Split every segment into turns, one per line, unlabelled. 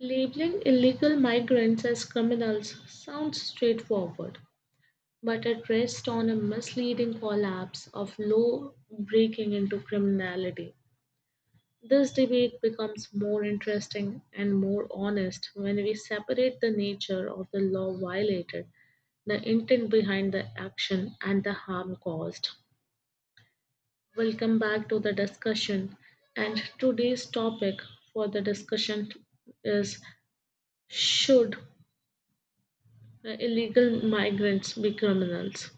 Labeling illegal migrants as criminals sounds straightforward, but it rests on a misleading collapse of law breaking into criminality. This debate becomes more interesting and more honest when we separate the nature of the law violated, the intent behind the action, and the harm caused. Welcome back to the discussion, and today's topic for the discussion is should illegal migrants be criminals.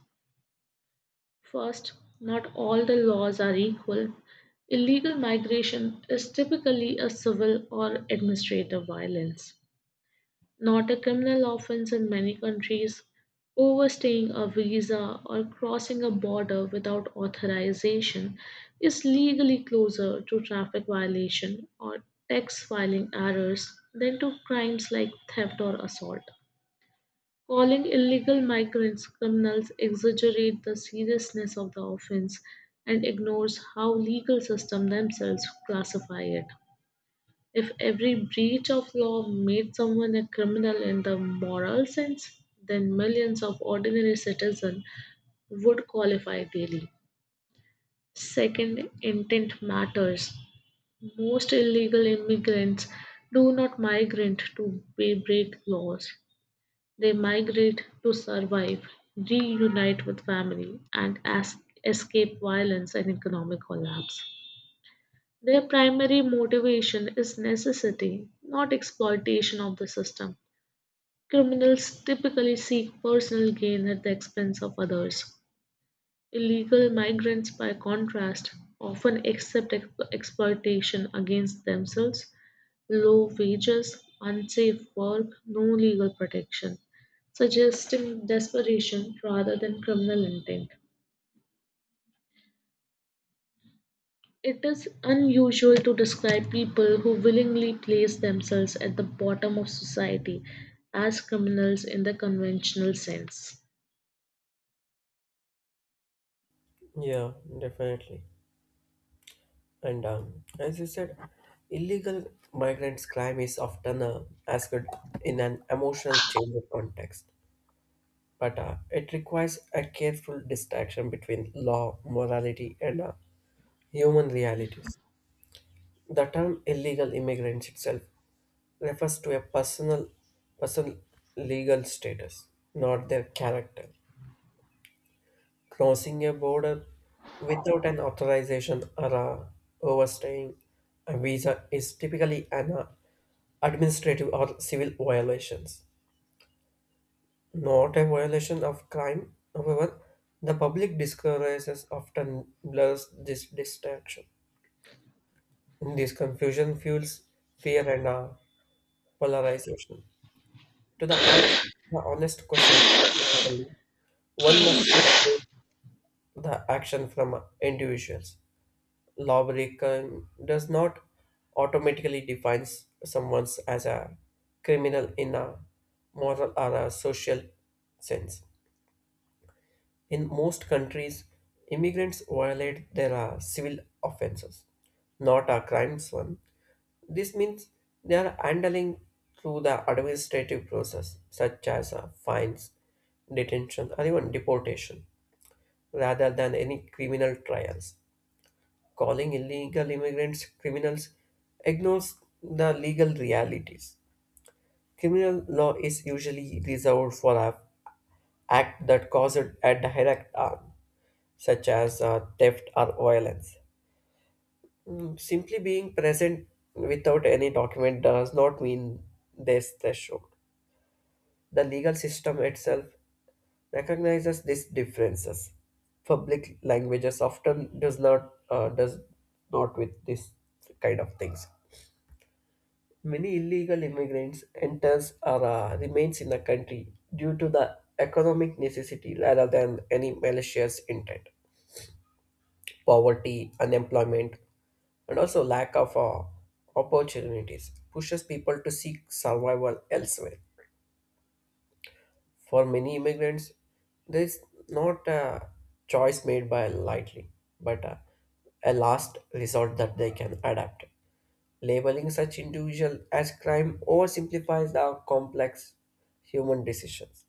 First, not all the laws are equal. Illegal migration is typically a civil or administrative violence, not a criminal offense in many countries. Overstaying a visa or crossing a border without authorization is legally closer to traffic violation or tax filing errors than to crimes like theft or assault. Calling illegal migrants criminals exaggerates the seriousness of the offense and ignores how legal system themselves classify it. If every breach of law made someone a criminal in the moral sense, then millions of ordinary citizens would qualify daily. Second, intent matters. Most illegal immigrants do not migrate to break laws. They migrate to survive, reunite with family, and escape violence and economic collapse. Their primary motivation is necessity, not exploitation of the system. Criminals typically seek personal gain at the expense of others. Illegal migrants, by contrast, often accept exploitation against themselves, low wages, unsafe work, no legal protection, suggesting desperation rather than criminal intent. It is unusual to describe people who willingly place themselves at the bottom of society as criminals in the conventional sense.
Yeah, definitely. And as you said, illegal migrants' crime is often asked in an emotional change of context, but it requires a careful distinction between law, morality, and human realities. The term illegal immigrants itself refers to a personal legal status, not their character. Crossing a border without an authorization or overstaying a visa is typically an administrative or civil violations, not a violation of crime. However, the public discourses often blurs this distinction. This confusion fuels fear and polarization. To the, an- the honest question, one must separate the action from individuals. Lawbreaker does not automatically define someone as a criminal in a moral or a social sense. In most countries, immigrants violate their civil offenses, not a crimes one. This means they are handling through the administrative process, such as fines, detention, or even deportation, rather than any criminal trials calling illegal immigrants criminals ignores the legal realities. Criminal law is usually reserved for an act that caused a direct harm, such as theft or violence. Simply being present without any document does not mean there's threshold. The legal system itself recognizes these differences. Public languages often does not with this kind of things. Many illegal immigrants enters or remains in the country due to the economic necessity rather than any malicious intent. Poverty, unemployment, and also lack of opportunities pushes people to seek survival elsewhere. For many immigrants, there is not a choice made by lightly, but a last resort that they can adapt. Labeling such individual as crime oversimplifies the complex human decisions.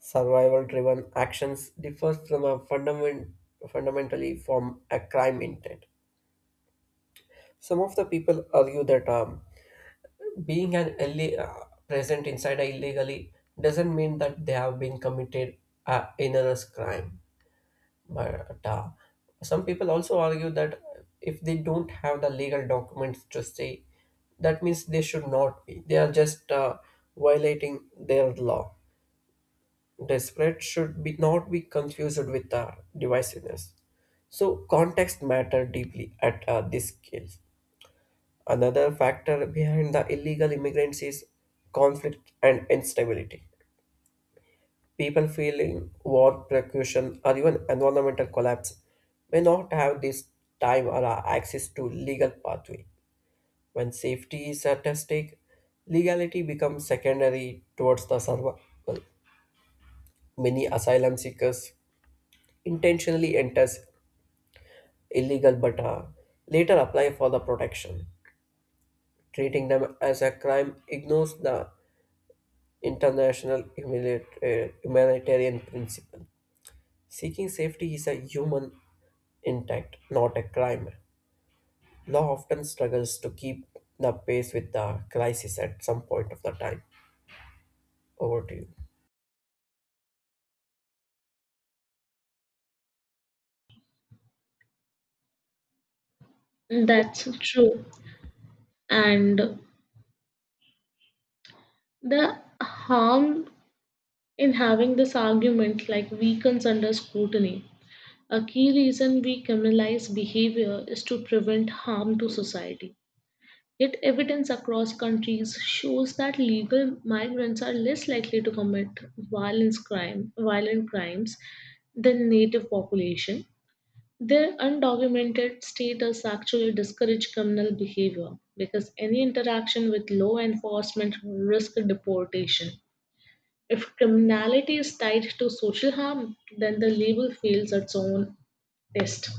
Survival-driven actions differ from fundamentally from a crime intent. Some of the people argue that being present inside illegally doesn't mean that they have been committed enormous crime but some people also argue that if they don't have the legal documents to stay that means they should not be they are just violating their law. Desperate should be not be confused with divisiveness, so context matter deeply at this scale. Another factor behind the illegal immigrants is conflict and instability. People feeling war, persecution, or even environmental collapse may not have this time or access to legal pathway. When safety is at stake, legality becomes secondary towards the survival. Many asylum seekers intentionally enters illegal but later apply for the protection. Treating them as a crime ignores the international humanitarian principle. Seeking safety is a human intact, not a crime. Law often struggles to keep the pace with the crisis at some point of the time. Over to you.
That's true. And the harm in having this argument like weakens under scrutiny. A key reason we criminalize behavior is to prevent harm to society. Yet evidence across countries shows that legal migrants are less likely to commit violent crimes than native population. Their undocumented status actually discourage criminal behavior because any interaction with law enforcement risk deportation. If criminality is tied to social harm, then the label fails its own test.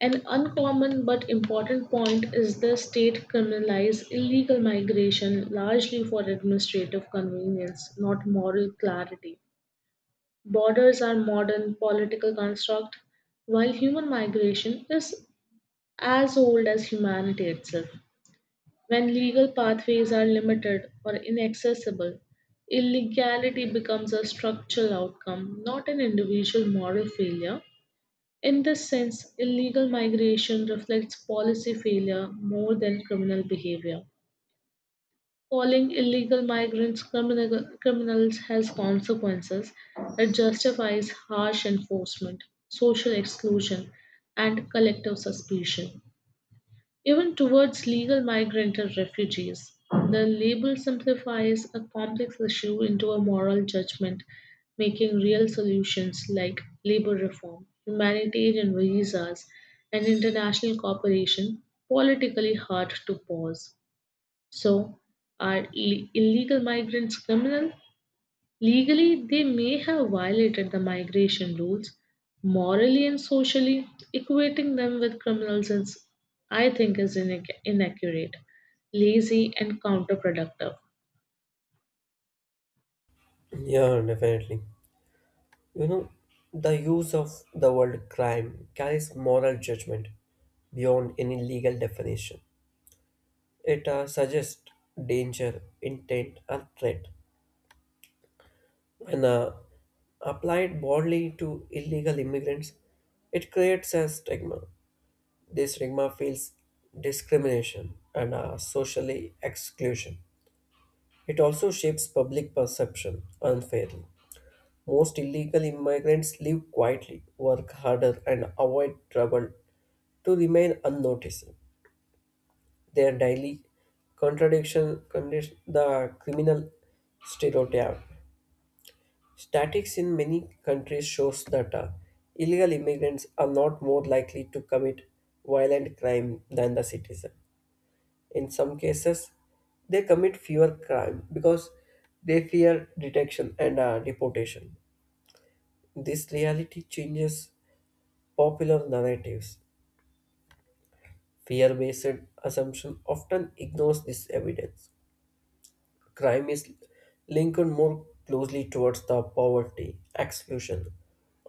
An uncommon but important point is the state criminalized illegal migration largely for administrative convenience, not moral clarity. Borders are modern political construct, while human migration is as old as humanity itself. When legal pathways are limited or inaccessible, illegality becomes a structural outcome, not an individual moral failure. In this sense, illegal migration reflects policy failure more than criminal behavior. Calling illegal migrants criminals has consequences that justifies harsh enforcement, social exclusion, and collective suspicion. Even towards legal migrant or refugees, the label simplifies a complex issue into a moral judgment, making real solutions like labor reform, humanitarian visas, and international cooperation politically hard to pause. So, are illegal migrants criminal? Legally, they may have violated the migration rules; morally and socially, equating them with criminals is, I think, inaccurate, lazy, and counterproductive.
Yeah, definitely. You know, the use of the word crime carries moral judgment beyond any legal definition. It suggests danger, intent, or threat when applied broadly to illegal immigrants, it creates a stigma. This stigma feels discrimination and socially exclusion. It also shapes public perception unfairly. Most illegal immigrants live quietly, work harder, and avoid trouble to remain unnoticed. Their daily contradiction condition the criminal stereotype. Statistics in many countries shows that illegal immigrants are not more likely to commit violent crime than the citizen. In some cases, they commit fewer crime because they fear detection and deportation. This reality changes popular narratives. Fear-based assumption often ignores this evidence. Crime is linked more closely towards the poverty, exclusion,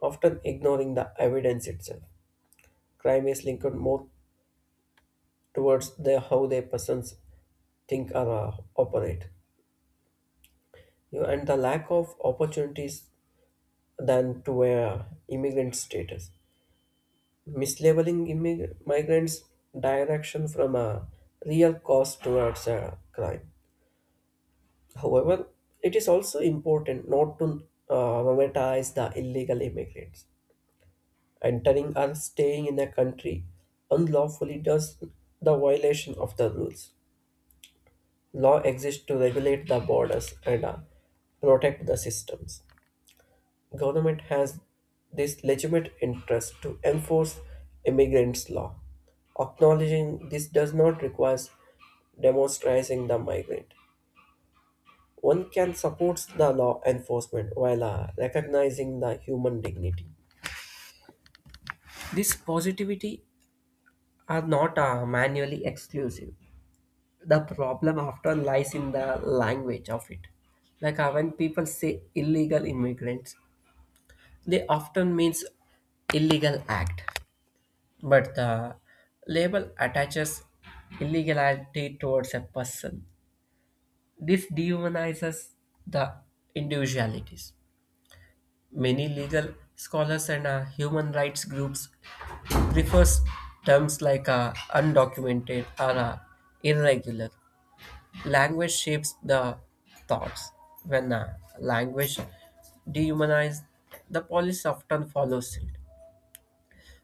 often ignoring the evidence itself. Crime is linked more towards the how their persons think or operate, and the lack of opportunities than to a immigrant status, mislabeling migrants' direction from a real cause towards a crime. However, it is also important not to romanticize the illegal immigrants. Entering or staying in a country unlawfully does the violation of the rules. Law exists to regulate the borders and protect the systems. Government has this legitimate interest to enforce immigrants' law. Acknowledging this does not require demonstrating the migrant. One can support the law enforcement while recognizing the human dignity. These positivity are not manually exclusive. The problem often lies in the language of it, like when people say illegal immigrants they often means illegal act but the label attaches illegality towards a person. This dehumanizes the individualities. Many legal scholars and human rights groups prefers terms like undocumented or irregular. Language shapes the thoughts. When language dehumanizes, the policy often follows it.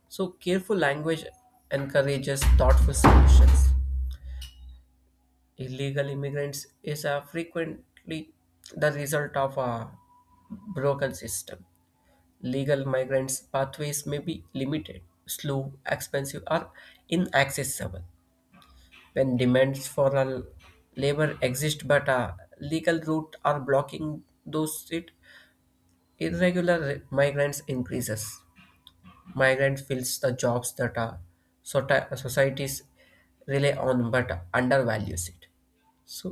So, careful language encourages thoughtful solutions. Illegal immigrants is frequently the result of a broken system. Legal migrants' pathways may be limited, slow, expensive, or inaccessible. When demands for a labor exist but a legal route are blocking those, it irregular migrants increases. Migrant fills the jobs that are societies rely on but undervalues it, so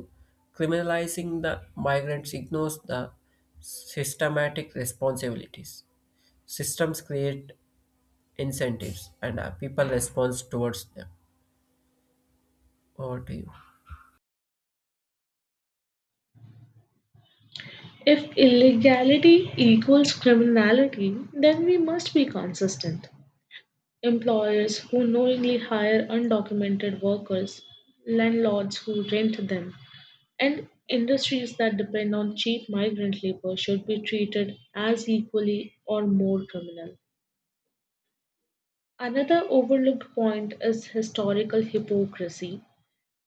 criminalizing the migrants ignores the systematic responsibilities. Systems create incentives and people respond towards them. Over to you.
If illegality equals criminality, then we must be consistent. Employers who knowingly hire undocumented workers, landlords who rent them, and industries that depend on cheap migrant labor should be treated as equally or more criminal. Another overlooked point is historical hypocrisy.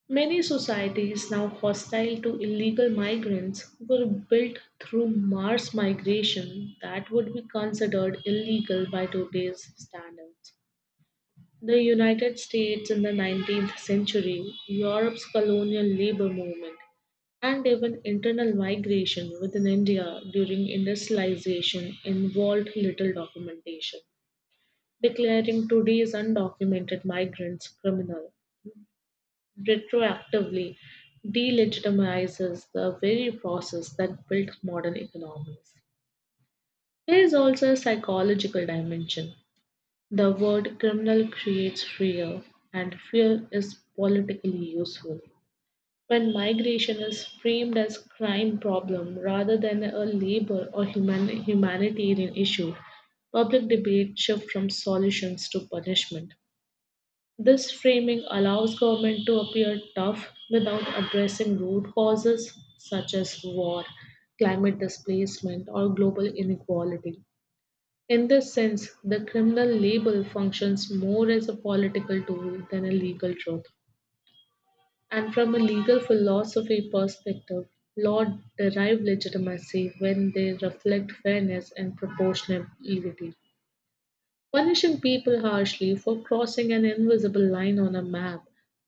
Many societies now hostile to illegal migrants were built through mass migration that would be considered illegal by today's standards. The United States in the 19th century, Europe's colonial labor movement, and even internal migration within India during industrialization involved little documentation, declaring today's undocumented migrants criminal retroactively delegitimizes the very process that built modern economies. There is also a psychological dimension. The word criminal creates fear, and fear is politically useful. When migration is framed as crime problem rather than a labor or humanitarian issue, public debate shifts from solutions to punishment. This framing allows government to appear tough without addressing root causes such as war, climate displacement, or global inequality. In this sense, the criminal label functions more as a political tool than a legal truth. And from a legal philosophy perspective, laws derive legitimacy when they reflect fairness and proportionality. Punishing people harshly for crossing an invisible line on a map,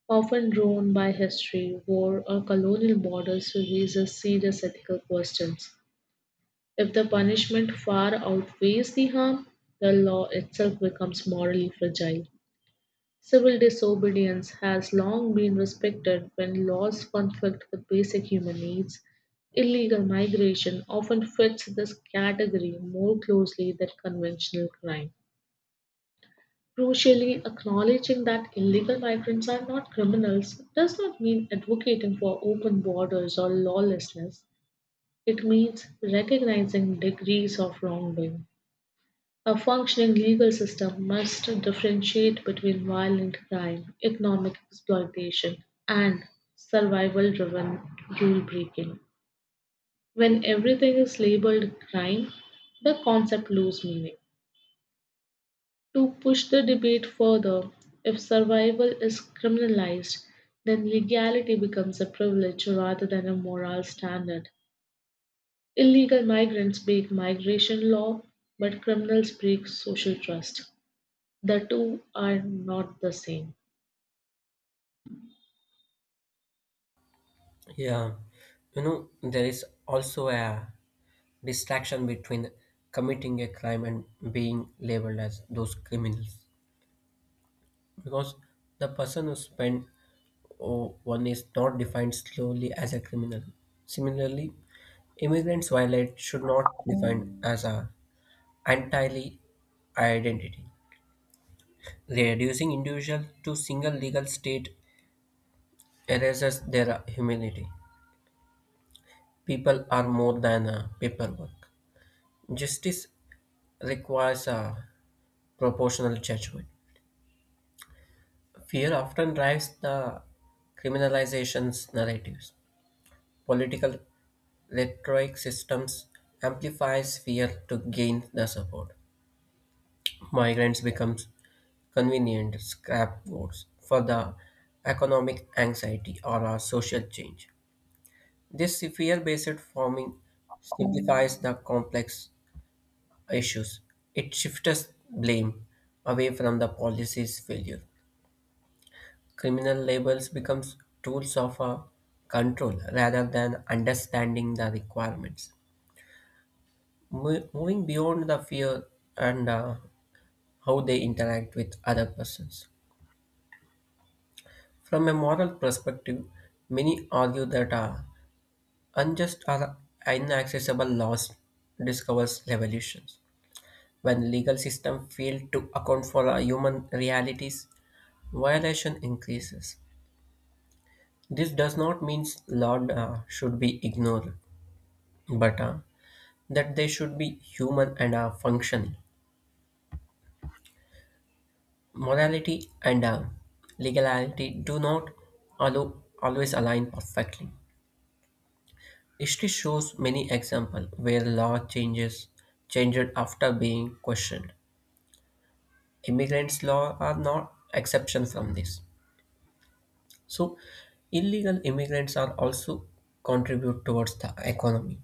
often drawn by history, war, or colonial borders, raises serious ethical questions. If the punishment far outweighs the harm, the law itself becomes morally fragile. Civil disobedience has long been respected when laws conflict with basic human needs. Illegal migration often fits this category more closely than conventional crime. Crucially, acknowledging that illegal migrants are not criminals does not mean advocating for open borders or lawlessness. It means recognizing degrees of wrongdoing. A functioning legal system must differentiate between violent crime, economic exploitation, and survival driven rule breaking. When everything is labeled crime, the concept loses meaning. To push the debate further, if survival is criminalized, then legality becomes a privilege rather than a moral standard. Illegal migrants break migration law, but criminals break social trust. The two are not the same.
Yeah, you know, there is also a distraction between committing a crime and being labeled as those criminals because the person who spent oh, one is not defined slowly as a criminal. Similarly, immigrants violate should not be defined as a entirely identity. Reducing individual to single legal state erases their humanity. People are more than a paperwork. Justice requires a proportional judgment. Fear often drives the criminalization's narratives. Political rhetoric systems amplifies fear to gain the support. Migrants becomes convenient scapegoats for the economic anxiety or a social change. This fear-based forming simplifies the complex issues. It shifts blame away from the policy's failure. Criminal labels becomes tools of control rather than understanding the requirements. Moving beyond the fear and how they interact with other persons. From a moral perspective, many argue that unjust or inaccessible laws discovers revolutions. When legal system fail to account for human realities, violation increases. This does not mean law should be ignored, but that they should be human and are functional. Morality and legality do not always align perfectly. History shows many examples where law changes changed after being questioned. Immigrants' law are not exception from this. So, illegal immigrants are also contribute towards the economy.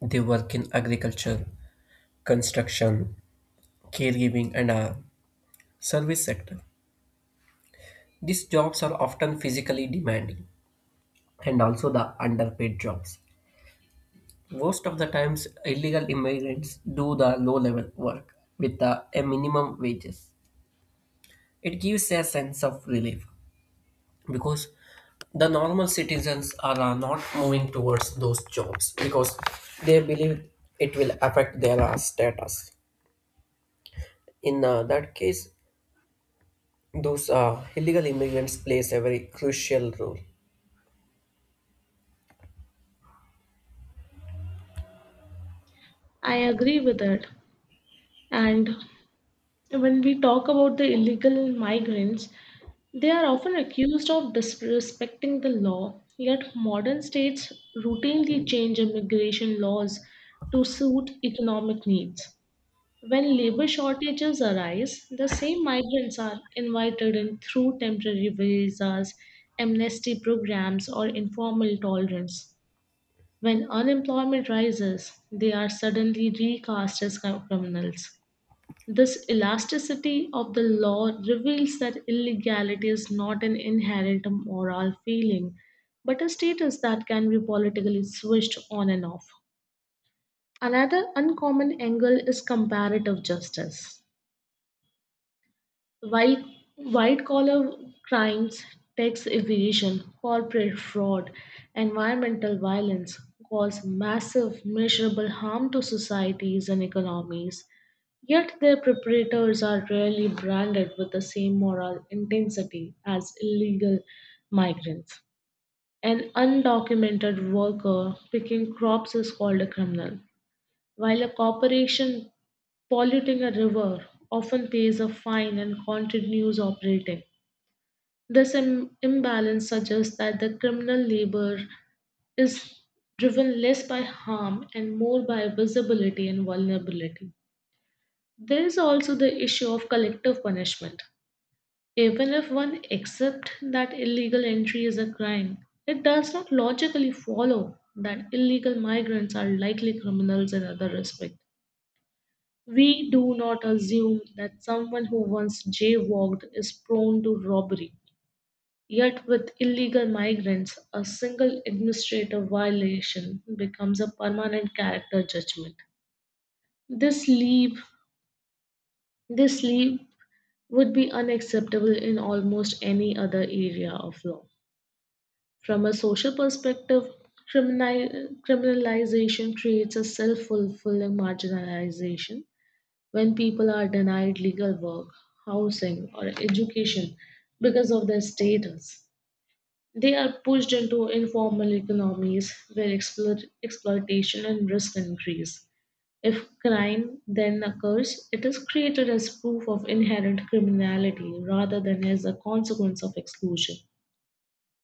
They work in agriculture, construction, caregiving, and service sector. These jobs are often physically demanding and also the underpaid jobs. Most of the times, illegal immigrants do the low level work with a minimum wages. It gives a sense of relief because the normal citizens are not moving towards those jobs because they believe it will affect their status. In that case, those illegal immigrants plays a very crucial role.
I agree with that. And when we talk about the illegal migrants, they are often accused of disrespecting the law, yet, modern states routinely change immigration laws to suit economic needs. When labor shortages arise, the same migrants are invited in through temporary visas, amnesty programs, or informal tolerance. When unemployment rises, they are suddenly recast as criminals. This elasticity of the law reveals that illegality is not an inherent moral feeling, but a status that can be politically switched on and off. Another uncommon angle is comparative justice. White White collar crimes, tax evasion, corporate fraud, environmental violence cause massive measurable harm to societies and economies. Yet their perpetrators are rarely branded with the same moral intensity as illegal migrants. An undocumented worker picking crops is called a criminal, while a corporation polluting a river often pays a fine and continues operating. This imbalance suggests that the criminal labor is driven less by harm and more by visibility and vulnerability. There is also the issue of collective punishment. Even if one accepts that illegal entry is a crime, it does not logically follow that illegal migrants are likely criminals in other respects. We do not assume that someone who once jaywalked is prone to robbery. Yet, with illegal migrants, a single administrative violation becomes a permanent character judgment. This leap, this leap would be unacceptable in almost any other area of law. From a social perspective, criminalization creates a self fulfilling marginalization when people are denied legal work, housing, or education because of their status. They are pushed into informal economies where exploitation and risk increase. If crime then occurs, it is created as proof of inherent criminality rather than as a consequence of exclusion.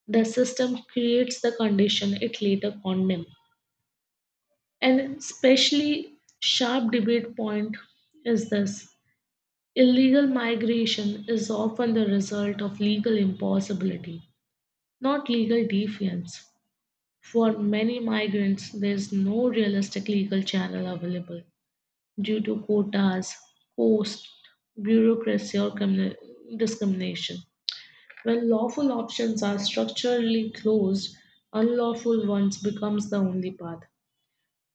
The system creates the condition it later condemns. And especially sharp debate point is this. Illegal migration is often the result of legal impossibility, not legal defiance. For many migrants, there is no realistic legal channel available due to quotas, cost, bureaucracy, or criminal discrimination. When lawful options are structurally closed, unlawful ones becomes the only path.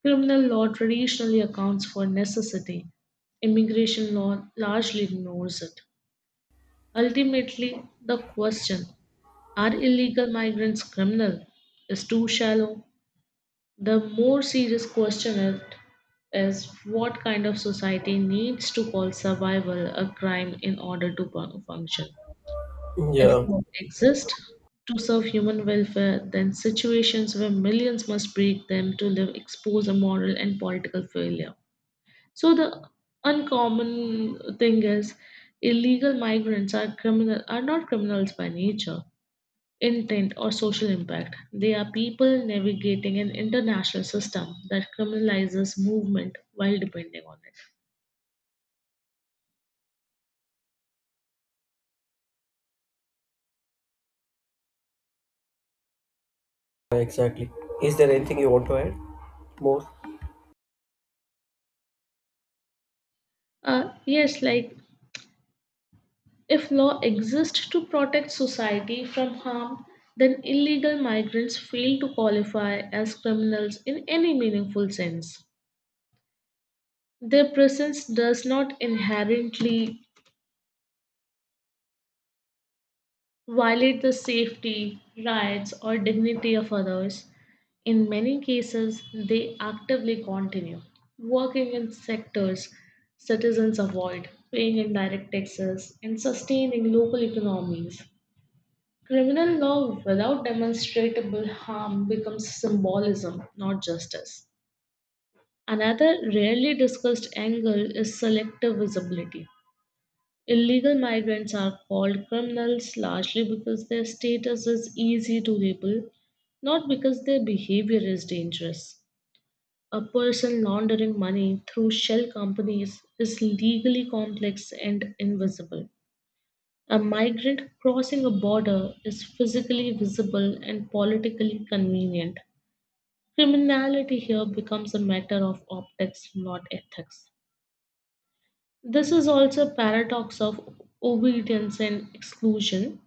Criminal law traditionally accounts for necessity. Immigration law largely ignores it. Ultimately, the question, are illegal migrants criminal, is too shallow. The more serious question is, what kind of society needs to call survival a crime in order to function. If
Yeah,
not exist to serve human welfare, then situations where millions must break them to live expose a moral and political failure. So the uncommon thing is illegal migrants are criminal are not criminals by nature, intent or social impact. They are people navigating an international system that criminalizes movement while depending on it.
Yeah, exactly. Is there anything you want to add more?
Yes, if law exists to protect society from harm, then illegal migrants fail to qualify as criminals in any meaningful sense. Their presence does not inherently violate the safety, rights, or dignity of others. In many cases, they actively continue working in sectors citizens avoid, paying indirect taxes, and sustaining local economies. Criminal law without demonstrable harm becomes symbolism, not justice. Another rarely discussed angle is selective visibility. Illegal migrants are called criminals largely because their status is easy to label, not because their behavior is dangerous. A person laundering money through shell companies is legally complex and invisible. A migrant crossing a border is physically visible and politically convenient. Criminality here becomes a matter of optics, not ethics. This is also a paradox of obedience and exclusion.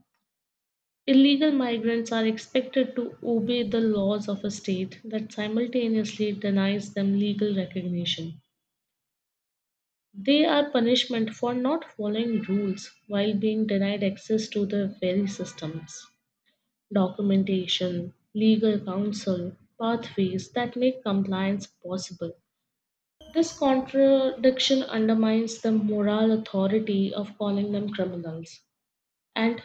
Illegal migrants are expected to obey the laws of a state that simultaneously denies them legal recognition. They are punishment for not following rules while being denied access to the very systems, documentation, legal counsel, pathways that make compliance possible. This contradiction undermines the moral authority of calling them criminals. And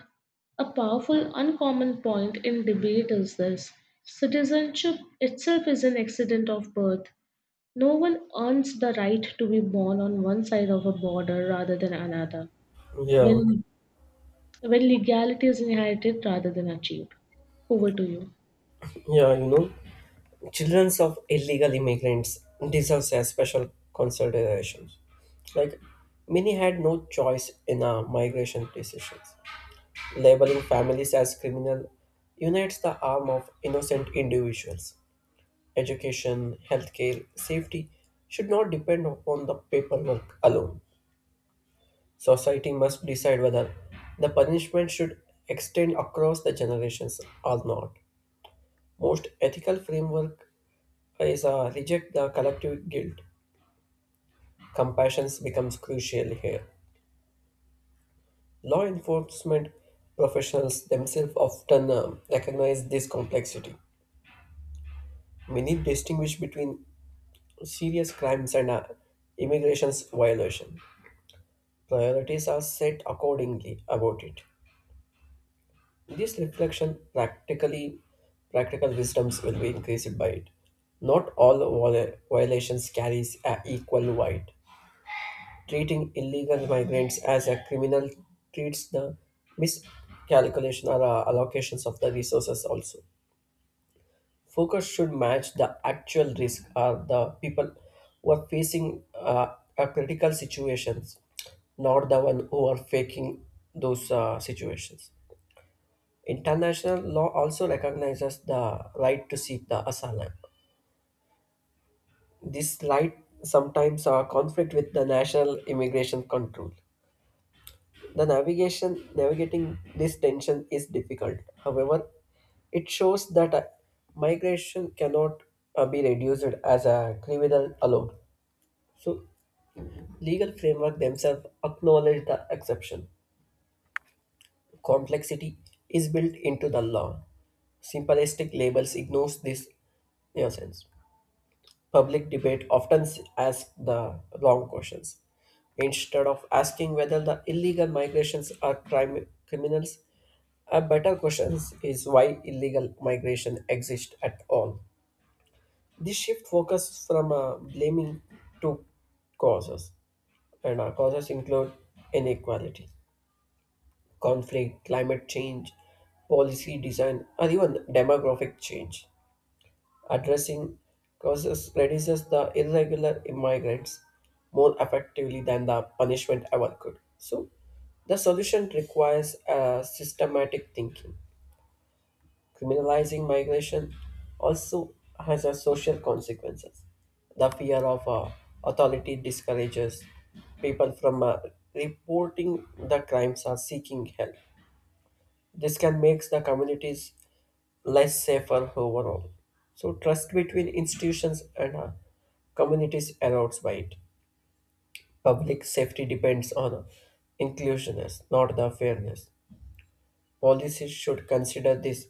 a powerful, uncommon point in debate is this: citizenship itself is an accident of birth. No one earns the right to be born on one side of a border rather than another,
Yeah.
when, when legality is inherited rather than achieved. Over to you.
Yeah, you know. Children of illegal immigrants deserves a special consideration. Like many had no choice in our migration decisions. Labeling families as criminal unites the arm of innocent individuals. Education, healthcare, safety should not depend upon the paperwork alone. Society must decide whether the punishment should extend across the generations or not. Most ethical framework is reject the collective guilt. Compassion becomes crucial here. Law enforcement professionals themselves often recognize this complexity. Many distinguish between serious crimes and immigration's violation. Priorities are set accordingly about it. This reflection practical wisdoms will be increased by it. Not all violations carries a equal weight. Treating illegal migrants as a criminal treats the miscalculation or allocations of the resources also. Focus should match the actual risk or the people who are facing a critical situations, not the one who are faking those situations. International law also recognizes the right to seek the asylum. This right sometimes are conflict with the national immigration control. The navigation navigating this tension is difficult. However, it shows that migration cannot be reduced as a criminal alone. So legal framework themselves acknowledge the exception. Complexity is built into the law. Simplistic labels ignores this nuisance. Public debate often ask the wrong questions. Instead of asking whether the illegal migrations are crime criminals, a better question is why illegal migration exists at all. This shift focuses from blaming to causes, and our causes include inequality, conflict, climate change, policy design, or even demographic change. Addressing causes reduces the irregular immigrants more effectively than the punishment ever could. So, the solution requires systematic thinking. Criminalizing migration also has a social consequences. The fear of authority discourages people from reporting the crimes or seeking help. This can make the communities less safer overall. So trust between institutions and communities erodes by it. Public safety depends on inclusiveness, not the fairness. Policies should consider these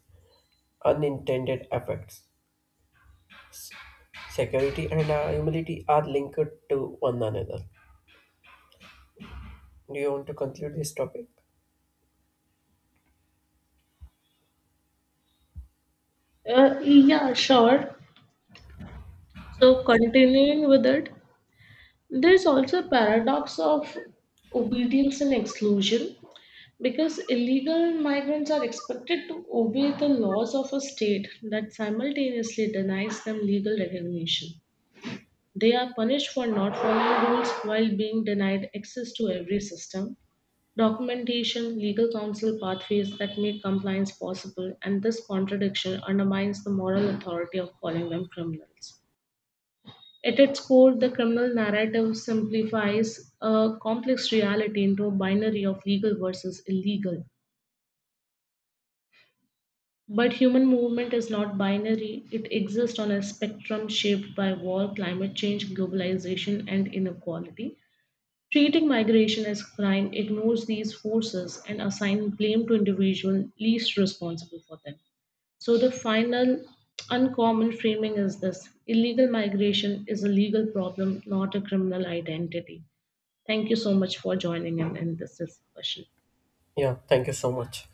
unintended effects. Security and humility are linked to one another. Do you want to conclude this topic?
Yeah, sure. So, continuing with it, there's also a paradox of obedience and exclusion. Because illegal migrants are expected to obey the laws of a state that simultaneously denies them legal recognition. They are punished for not following rules while being denied access to every system, documentation, legal counsel pathways that make compliance possible, and this contradiction undermines the moral authority of calling them criminals. At its core, the criminal narrative simplifies a complex reality into a binary of legal versus illegal. But human movement is not binary, it exists on a spectrum shaped by war, climate change, globalization, and inequality. Treating migration as crime ignores these forces and assigns blame to individuals least responsible for them. So, the final uncommon framing is this: illegal migration is a legal problem, not a criminal identity. Thank you so much for joining in this discussion.
Yeah, thank you so much.